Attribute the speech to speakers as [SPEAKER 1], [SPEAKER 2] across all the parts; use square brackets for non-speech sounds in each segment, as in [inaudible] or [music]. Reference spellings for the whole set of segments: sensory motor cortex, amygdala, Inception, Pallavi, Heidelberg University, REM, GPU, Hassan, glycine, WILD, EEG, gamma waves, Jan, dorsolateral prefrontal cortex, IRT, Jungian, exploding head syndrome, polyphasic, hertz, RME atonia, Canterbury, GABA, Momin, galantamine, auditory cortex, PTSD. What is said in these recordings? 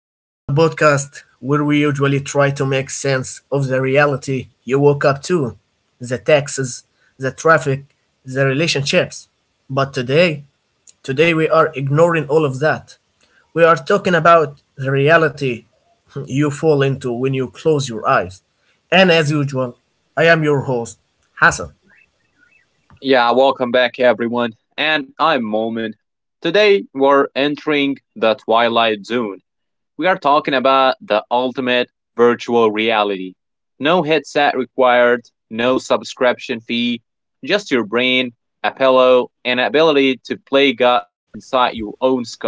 [SPEAKER 1] We are the podcast where we usually try to make sense of the reality you woke up to the taxes, the traffic, the relationships. But today, today we are ignoring all of that. We are talking about the reality you fall into when you close your eyes. And as usual, I am your host, Hassan.
[SPEAKER 2] Yeah, welcome back everyone, and I'm Momin. Today we're entering the Twilight Zone. We are talking about the ultimate virtual reality. No headset required, no subscription fee, just your brain, a pillow, and ability to play God inside your own skull.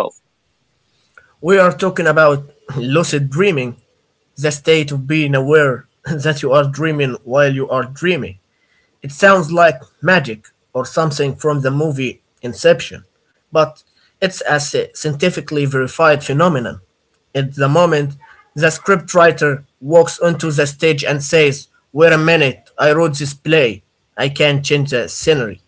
[SPEAKER 1] We are talking about [laughs] lucid dreaming, the state of being aware [laughs] that you are dreaming while you are dreaming. It sounds like magic or something from the movie Inception, but it's a scientifically verified phenomenon. At the moment, the scriptwriter walks onto the stage and says, "Wait a minute, I wrote this play. I can't change the scenery."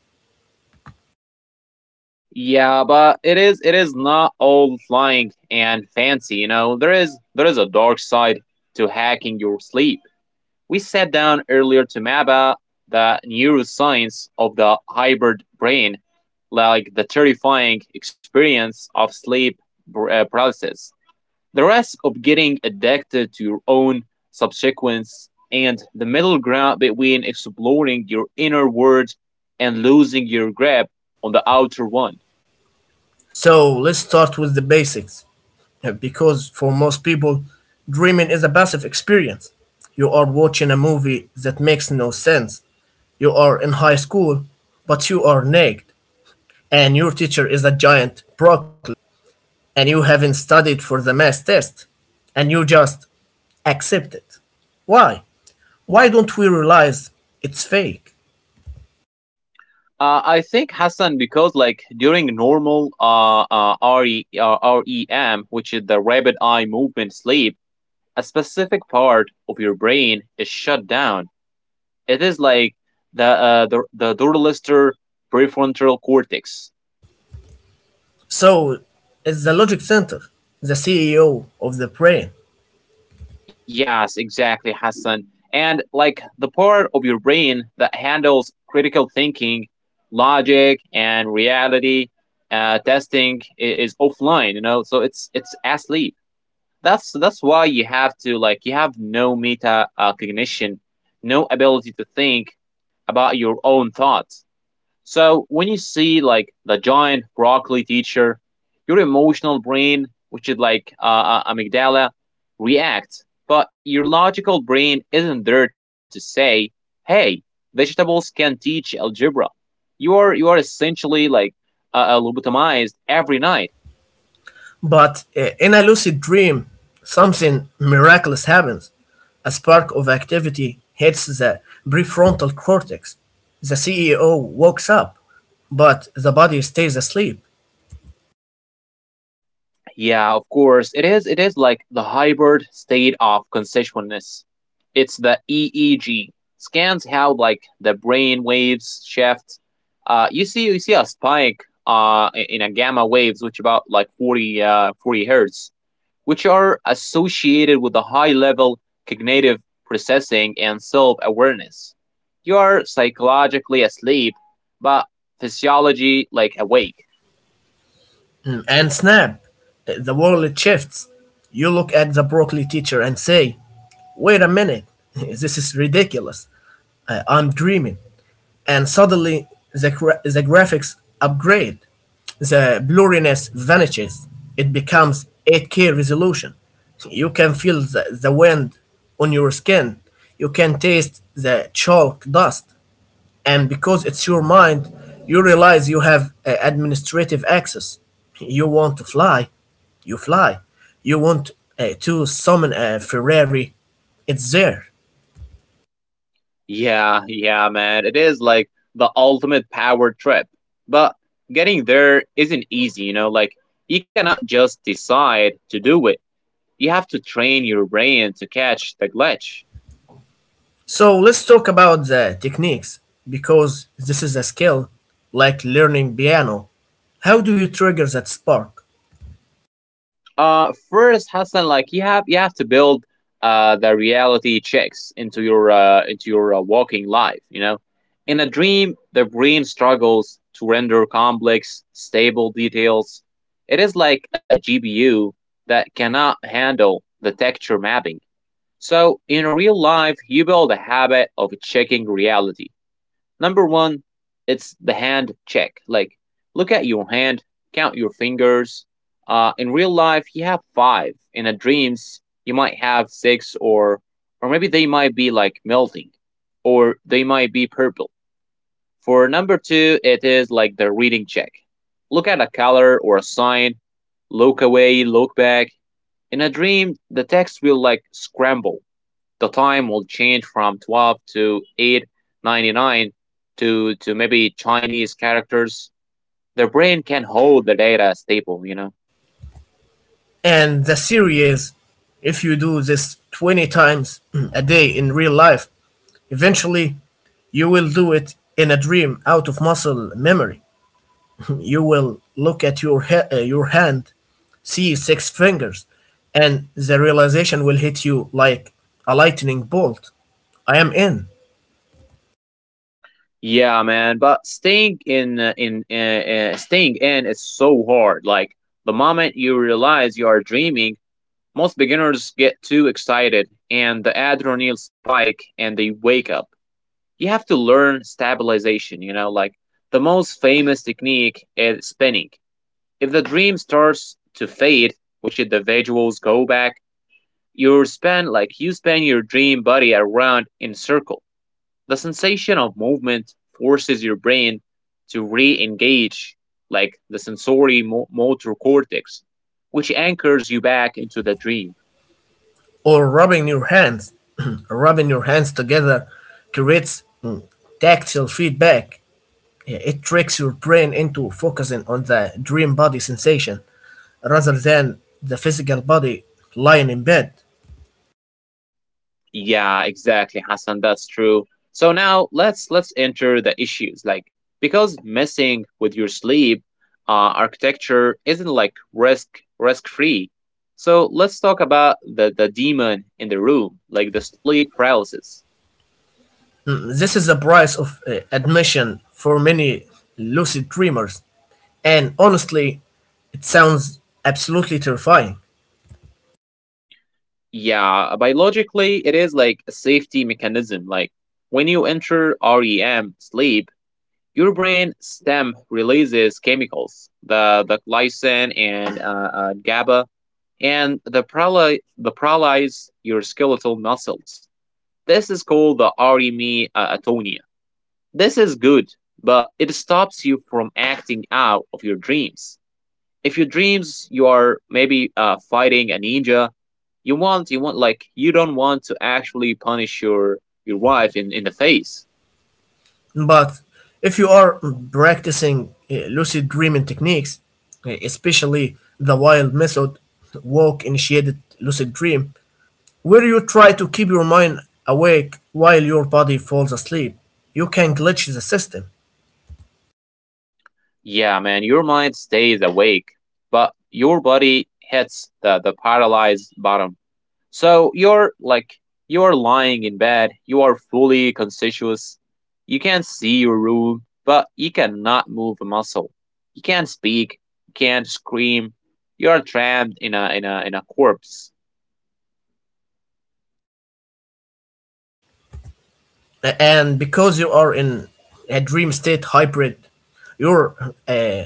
[SPEAKER 2] Yeah, but it is not all flying and fancy. There is a dark side to hacking your sleep. We sat down earlier to map out the neuroscience of the hybrid brain, like the terrifying experience of sleep paralysis, the risk of getting addicted to your own subsequence, and the middle ground between exploring your inner world and losing your grip on the outer one.
[SPEAKER 1] So let's start with the basics. Because for most people, dreaming is a passive experience. You are watching a movie that makes no sense. You are in high school, but you are naked, and your teacher is a giant broccoli, and you haven't studied for the math test, and you just accept it. Why? Why don't we realize it's fake?
[SPEAKER 2] I think Hassan because like during normal uh, uh, RE, uh, REM, which is the rapid eye movement sleep, a specific part of your brain is shut down. It is like the dorsolateral prefrontal cortex.
[SPEAKER 1] So, it's the logic center, the CEO of the brain.
[SPEAKER 2] Yes, exactly, Hassan. And like the part of your brain that handles critical thinking, logic, and reality testing is offline. You know, so it's asleep. That's why you have to like you have no meta cognition, no ability to think about your own thoughts. So when you see like the giant broccoli teacher, your emotional brain, which is like amygdala, reacts, but your logical brain isn't there to say, "Hey, vegetables can teach algebra." You are essentially like lobotomized every night.
[SPEAKER 1] But in a lucid dream, something miraculous happens. A spark of activity hits the prefrontal cortex. The CEO wakes up, but the body stays asleep.
[SPEAKER 2] Yeah, of course. It is like the hybrid state of consciousness. It's the EEG. Scans how like the brain waves shift. You see a spike in a gamma waves which about like 40 hertz which are associated with a high level cognitive processing and self-awareness. You are psychologically asleep but physiology like awake.
[SPEAKER 1] And snap, the world shifts. You look at the broccoli teacher and say, "Wait a minute, [laughs] this is ridiculous. I'm dreaming." And suddenly the graphics upgrade. The blurriness vanishes. It becomes 8K resolution. You can feel the wind on your skin. You can taste the chalk dust. And because it's your mind, you realize you have administrative access. You want to fly. You want to summon a Ferrari, it's there.
[SPEAKER 2] Yeah, yeah, man. It is like the ultimate power trip. But getting there isn't easy, you know? Like, you cannot just decide to do it. You have to train your brain to catch the glitch.
[SPEAKER 1] So let's talk about the techniques, because this is a skill like learning piano. How do you trigger that spark?
[SPEAKER 2] First, Hassan, like you have to build the reality checks into your walking life. You know, in a dream, the brain struggles to render complex, stable details. It is like a GPU that cannot handle the texture mapping. So, in real life, you build a habit of checking reality. Number one, it's the hand check. Like, look at your hand, count your fingers. In real life, you have five. In a dreams, you might have six, or maybe they might be like melting, or they might be purple. For number two, it is like the reading check. Look at a color or a sign. Look away, look back. In a dream, the text will like scramble. The time will change from 12 to 8.99 to maybe Chinese characters. Their brain can hold the data stable.
[SPEAKER 1] And the theory is if you do this 20 times [clears throat] a day in real life, eventually you will do it in a dream out of muscle memory. [clears throat] You will look at your hand, see 6 fingers, and the realization will hit you like a lightning bolt. I am in.
[SPEAKER 2] Yeah, man. But staying in is so hard. Like the moment you realize you are dreaming, most beginners get too excited, and the adrenaline spike, and they wake up. You have to learn stabilization. You know, like the most famous technique is spinning. If the dream starts to fade, which individuals go back, you span your dream body around in a circle. The sensation of movement forces your brain to re-engage like the sensory motor cortex, which anchors you back into the dream.
[SPEAKER 1] Or rubbing your hands [clears throat] rubbing your hands together creates tactile feedback. Yeah, it tricks your brain into focusing on the dream body sensation rather than the physical body lying in bed.
[SPEAKER 2] Yeah, exactly, Hassan. That's true. So now let's enter the issues. Like because messing with your sleep architecture isn't like risk free. So let's talk about the demon in the room, like the sleep paralysis.
[SPEAKER 1] Mm, this is the price of admission for many lucid dreamers, and honestly it sounds absolutely terrifying.
[SPEAKER 2] Yeah, biologically it is like a safety mechanism. Like when you enter REM sleep, your brain stem releases chemicals, the glycine and GABA and the paralyze your skeletal muscles. This is called the RME atonia. This is good, but it stops you from acting out of your dreams. If your dreams you are maybe fighting a ninja, you don't want to actually punish your wife in the face.
[SPEAKER 1] But if you are practicing lucid dreaming techniques, especially the wild method, walk initiated lucid dream, where you try to keep your mind awake while your body falls asleep, you can glitch the system.
[SPEAKER 2] Yeah, man, your mind stays awake, but your body hits the paralyzed bottom. So you're like, you are lying in bed, you are fully conscious, you can see your room, but you cannot move a muscle. You can't speak, you can't scream, you are trapped in a corpse.
[SPEAKER 1] And because you are in a dream state hybrid, your uh, uh,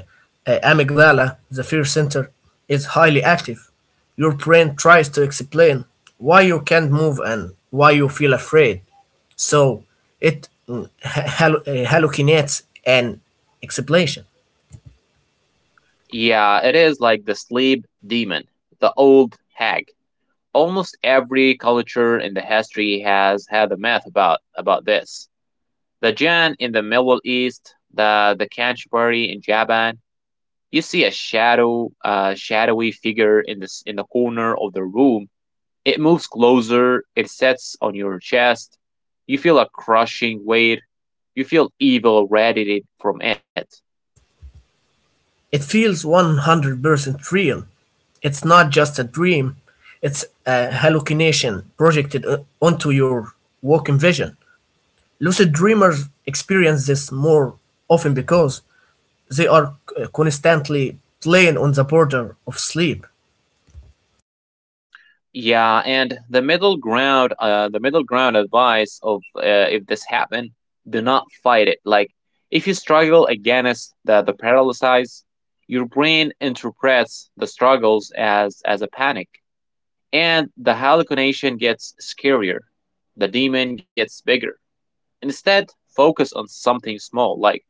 [SPEAKER 1] amygdala, the fear center, is highly active. Your brain tries to explain why you can't move and why you feel afraid. So it hallucinates an explanation.
[SPEAKER 2] Yeah, it is like the sleep demon, the old hag. Almost every culture in the history has had a myth about this. The Jan in the Middle East, the Canterbury in Japan. You see a shadowy figure in the corner of the room. It moves closer. It sets on your chest. You feel a crushing weight. You feel evil radiated from it.
[SPEAKER 1] It feels 100% real. It's not just a dream, it's a hallucination projected onto your waking vision. Lucid dreamers experience this more often because they are constantly playing on the border of sleep.
[SPEAKER 2] Yeah, and the middle ground advice of if this happened, do not fight it. Like if you struggle against the paralysis, your brain interprets the struggles as a panic. And the hallucination gets scarier. The demon gets bigger. Instead, focus on something small, like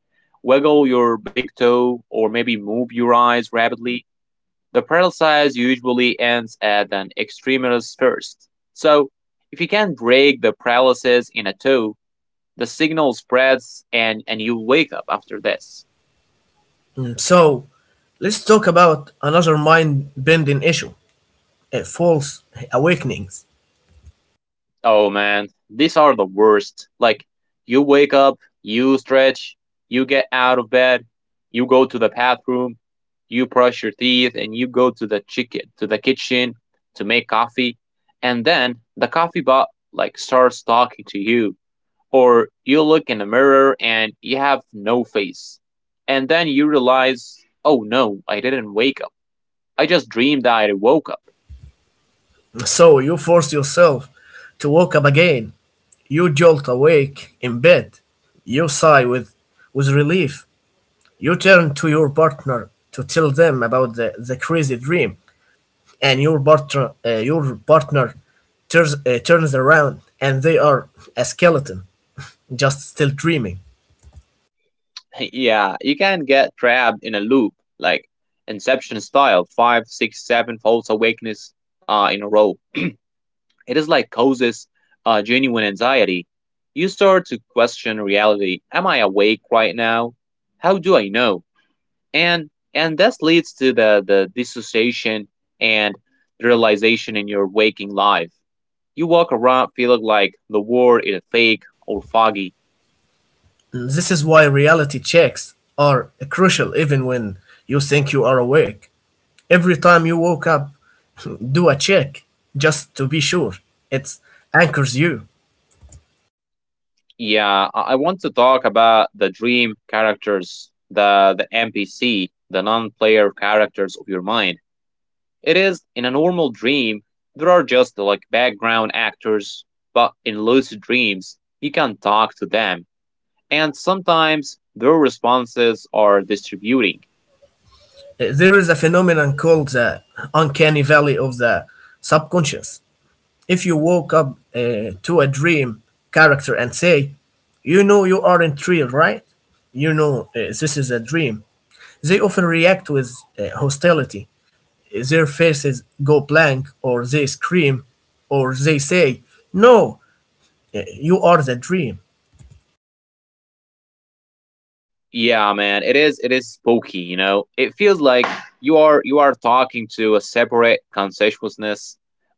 [SPEAKER 2] wiggle your big toe or maybe move your eyes rapidly. The paralysis usually ends at an extremity's first. So, if you can break the paralysis in a toe, the signal spreads and you wake up after this.
[SPEAKER 1] Mm, so let's talk about another mind bending issue, false awakenings.
[SPEAKER 2] Oh man, these are the worst. Like, you wake up, you stretch, you get out of bed, you go to the bathroom, you brush your teeth, and you go to the chicken to the kitchen to make coffee, and then the coffee bot like starts talking to you, or you look in the mirror and you have no face, and then you realize, oh no, I didn't wake up. I just dreamed that I woke up.
[SPEAKER 1] So, you force yourself to wake up again. You jolt awake in bed. You sigh with relief. You turn to your partner to tell them about the crazy dream. And your partner turns around and they are a skeleton, just still dreaming.
[SPEAKER 2] [laughs] Yeah, you can get trapped in a loop, like Inception style, five, six, seven false awakenings in a row. It is like causes genuine anxiety. You start to question reality. Am I awake right now? How do I know? And this leads to the dissociation and the realization in your waking life. You walk around feeling like the world is fake or foggy.
[SPEAKER 1] This is why reality checks are crucial even when you think you are awake. Every time you woke up, [laughs] do a check just to be sure. It anchors you.
[SPEAKER 2] Yeah, I want to talk about the dream characters, the NPC, the non-player characters of your mind. It is in a normal dream, there are just like background actors, but in lucid dreams, you can talk to them, and sometimes their responses are distributing.
[SPEAKER 1] There is a phenomenon called the uncanny valley of the subconscious. If you woke up to a dream character and say, "You know you aren't real, right? You know this is a dream." They often react with hostility. Their faces go blank, or they scream, or they say, "No, you are the dream."
[SPEAKER 2] Yeah, man, it is spooky. It feels like you are talking to a separate consciousness.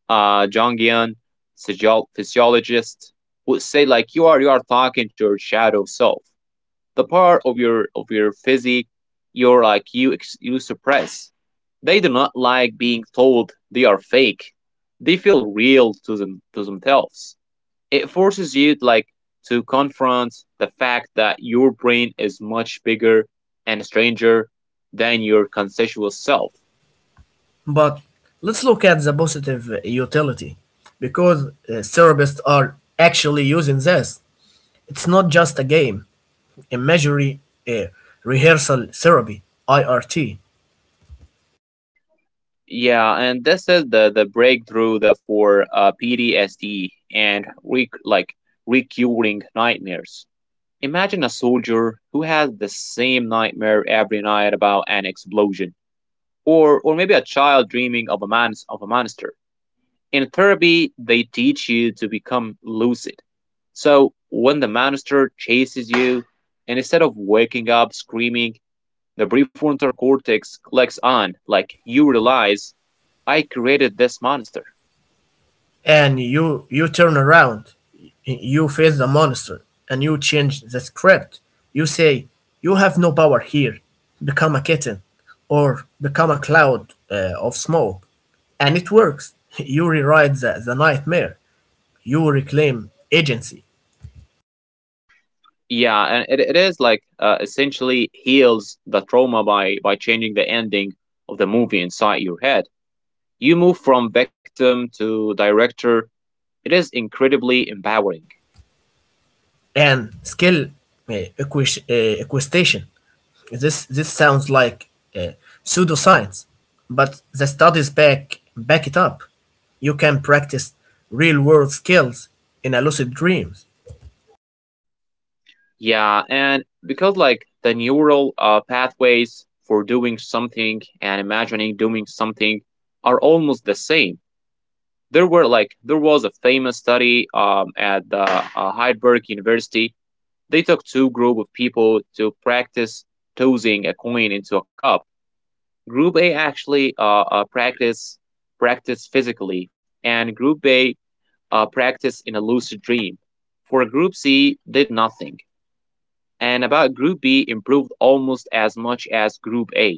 [SPEAKER 2] Jungian physiologist, would say like you are talking to your shadow self. The part of your physique you suppress. They do not like being told they are fake. They feel real to themselves. It forces you like to confront the fact that your brain is much bigger and stranger than your consensual self.
[SPEAKER 1] But let's look at the positive utility, because therapists are actually using this. It's not just a game, imagery uh, rehearsal therapy, IRT.
[SPEAKER 2] Yeah, and this is the breakthrough for PTSD and recurring nightmares. Imagine a soldier who has the same nightmare every night about an explosion, or maybe a child dreaming of a monster. In therapy, they teach you to become lucid. So when the monster chases you, and instead of waking up screaming, the prefrontal cortex clicks on, like you realize, I created this monster.
[SPEAKER 1] And you turn around, you face the monster and you change the script. You say, "You have no power here. Become a kitten, or become a cloud of smoke." And it works. [laughs] You rewrite the nightmare, you reclaim agency
[SPEAKER 2] Yeah, and it is like essentially heals the trauma by changing the ending of the movie inside your head. You move from victim to director. It is incredibly empowering.
[SPEAKER 1] and skill, equestation. This sounds like uh, pseudoscience, but the studies back it up. You can practice real world skills in a lucid dreams.
[SPEAKER 2] Yeah, and because like the neural pathways for doing something and imagining doing something are almost the same. There were like there was a famous study at the Heidelberg University. They took two group of people to practice tossing a coin into a cup. Group A actually practice physically, and Group B practice in a lucid dream. For Group C, did nothing and about Group B improved almost as much as Group A.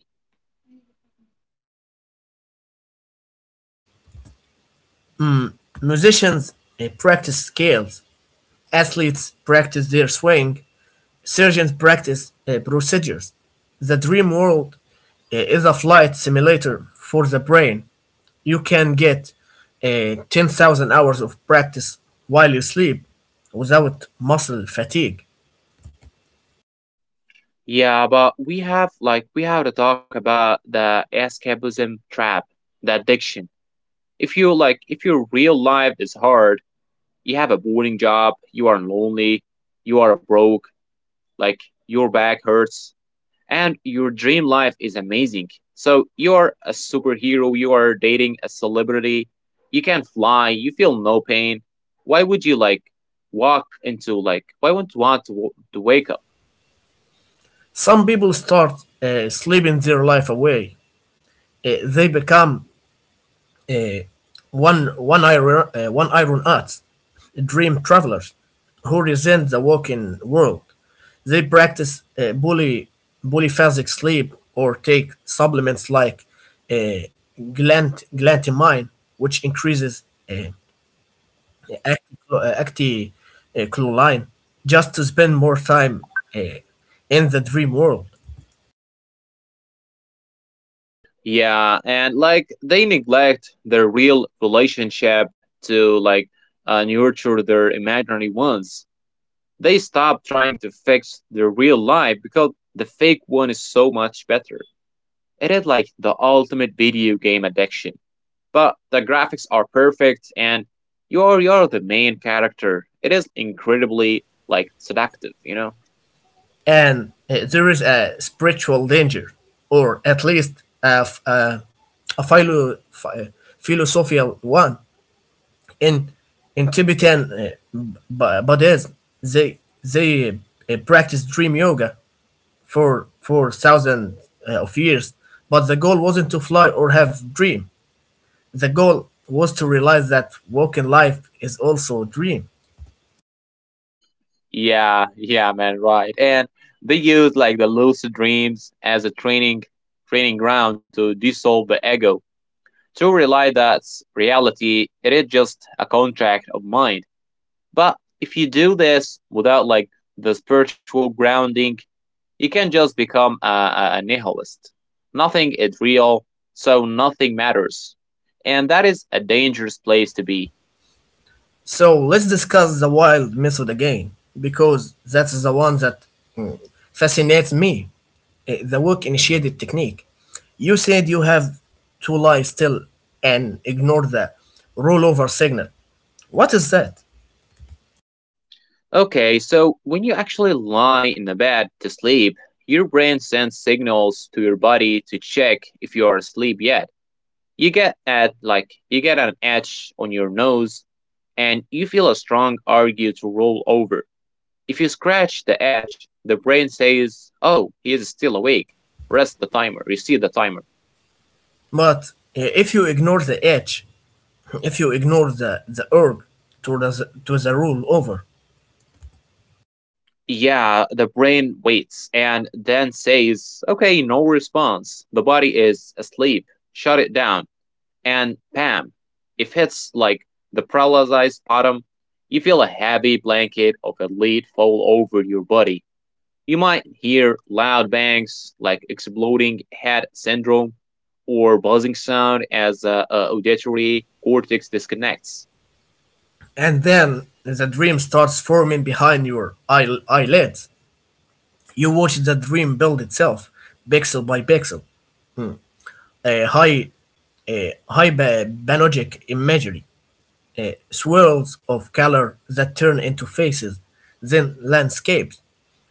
[SPEAKER 1] Musicians practice scales. Athletes practice their swing. Surgeons practice procedures. The dream world is a flight simulator for the brain. You can get 10,000 hours of practice while you sleep without muscle fatigue.
[SPEAKER 2] Yeah, but we have to talk about the escapism trap, the addiction. If your real life is hard, you have a boring job, you are lonely, you are broke, like your back hurts, and your dream life is amazing. So you are a superhero, you are dating a celebrity, you can fly, you feel no pain. Why would you like walk into like why would you want to wake up?
[SPEAKER 1] Some people start sleeping their life away. They become uh, one iron art dream travelers who resent the waking world. They practice polyphasic sleep or take supplements like uh, glantamine, which increases uh, acti, acti chlorine, just to spend more time uh, in the dream world.
[SPEAKER 2] Yeah, and like they neglect their real relationship to like nurture their imaginary ones. They stop trying to fix their real life because the fake one is so much better. It is like the ultimate video game addiction. But the graphics are perfect and you're the main character. It is incredibly like seductive, you know?
[SPEAKER 1] And there is a spiritual danger, or at least a philosophical one. In in Tibetan Buddhism, they practice dream yoga for thousands of years. But the goal wasn't to fly or have dream. The goal was to realize that walking life is also a dream.
[SPEAKER 2] Yeah, yeah, man, right. And they use like the lucid dreams as a training ground to dissolve the ego, to realize that reality it is just a contract of mind. But if you do this without like the spiritual grounding, you can just become a nihilist. Nothing is real, so nothing matters. And that is a dangerous place to be.
[SPEAKER 1] So let's discuss the wild method again, because that's the one that mm, fascinates me. The work initiated technique. You said you have to lie still and ignore the rollover signal. What is that?
[SPEAKER 2] Okay, so when you actually lie in the bed to sleep, your brain sends signals to your body to check if you are asleep yet. You get an itch on your nose and you feel a strong urge to roll over. If you scratch the itch, the brain says, "Oh, he is still awake." Rest the timer. You see the timer.
[SPEAKER 1] But if you ignore the edge, [laughs] if you ignore the urge to the, to the rollover,
[SPEAKER 2] Yeah, the brain waits and then says, okay, no response. The body is asleep. Shut it down. And bam, it hits like the paralyzed bottom. You feel a heavy blanket of a lead fall over your body. You might hear loud bangs like exploding head syndrome or buzzing sound as the auditory cortex disconnects.
[SPEAKER 1] and then the dream starts forming behind your eyelids, you watch the dream build itself pixel by pixel, uh, hy- hyperbiologic imagery, swirls of color that turn into faces, then landscapes,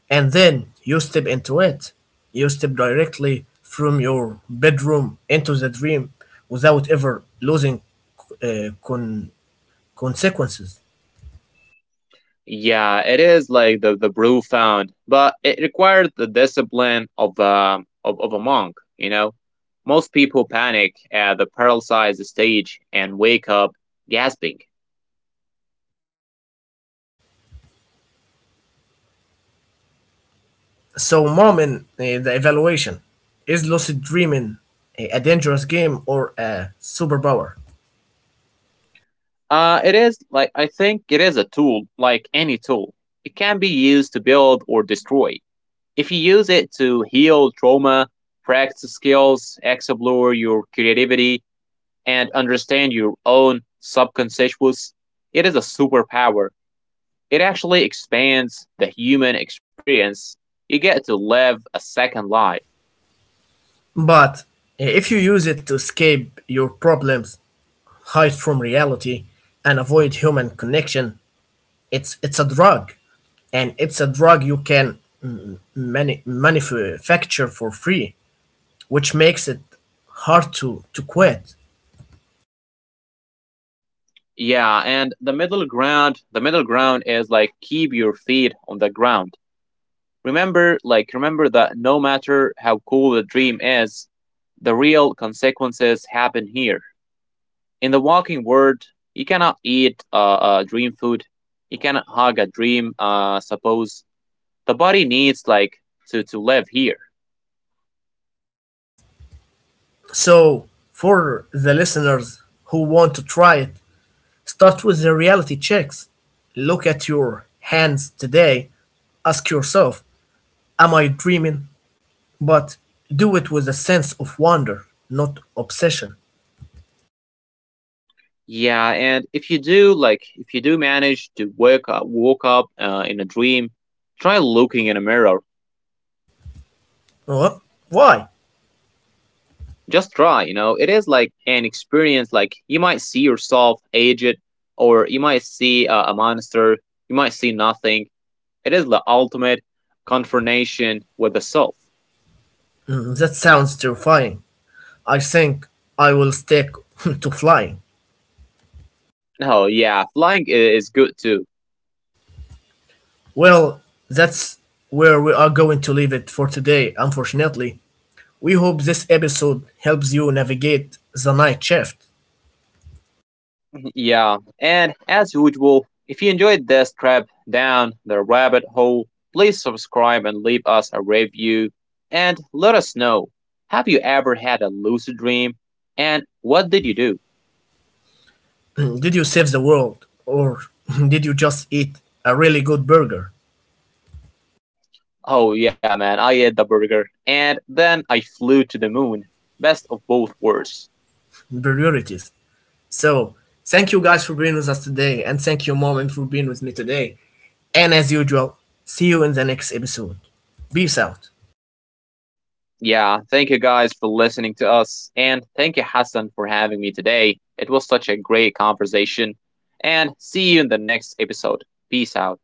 [SPEAKER 1] and then you step into it. You step directly from your bedroom into the dream without ever losing uh, con- consequences.
[SPEAKER 2] Yeah, it is like the brew found, but it required the discipline of a monk, you know? Most people panic at the paralyzed stage and wake up gasping.
[SPEAKER 1] So, Mom, in the evaluation, is lucid dreaming a dangerous game or a superpower?
[SPEAKER 2] It is like, I think it is a tool, like any tool. It can be used to build or destroy. If you use it to heal trauma, practice skills, explore your creativity, and understand your own subconscious, it is a superpower. It actually expands the human experience. You get to live a second life.
[SPEAKER 1] But if you use it to escape your problems, hide from reality, and avoid human connection, it's a drug, and it's a drug you can manufacture for free, which makes it hard to quit.
[SPEAKER 2] Yeah, and the middle ground is like keep your feet on the ground. Remember that no matter how cool the dream is, the real consequences happen here. In the walking world, you cannot eat a dream food. You cannot hug a dream, suppose. The body needs, like, to live here.
[SPEAKER 1] So for the listeners who want to try it, start with the reality checks. Look at your hands today. Ask yourself, am I dreaming? But do it with a sense of wonder, not obsession.
[SPEAKER 2] Yeah, and if you do manage to woke up in a dream, try looking in a mirror.
[SPEAKER 1] What? Why?
[SPEAKER 2] Just try. It is like an experience. Like you might see yourself aged, or you might see a monster. You might see nothing. It is the ultimate confrontation with the self.
[SPEAKER 1] Mm, that sounds terrifying. I think I will stick [laughs] to flying.
[SPEAKER 2] No, yeah, flying is good too.
[SPEAKER 1] Well, that's where we are going to leave it for today, unfortunately. We hope this episode helps you navigate the night shift.
[SPEAKER 2] Yeah, and as usual, if you enjoyed this trip down the rabbit hole, please subscribe and leave us a review. And let us know, have you ever had a lucid dream? And what did you do?
[SPEAKER 1] [clears throat] Did you save the world? Or [laughs] did you just eat a really good burger?
[SPEAKER 2] Oh, yeah, man, I ate the burger and then I flew to the moon. Best of both worlds.
[SPEAKER 1] Priorities. So, thank you guys for being with us today, and thank you, Mom, and for being with me today. And as usual, see you in the next episode. Peace out.
[SPEAKER 2] Yeah, thank you guys for listening to us, and thank you, Hassan, for having me today. It was such a great conversation, and see you in the next episode. Peace out.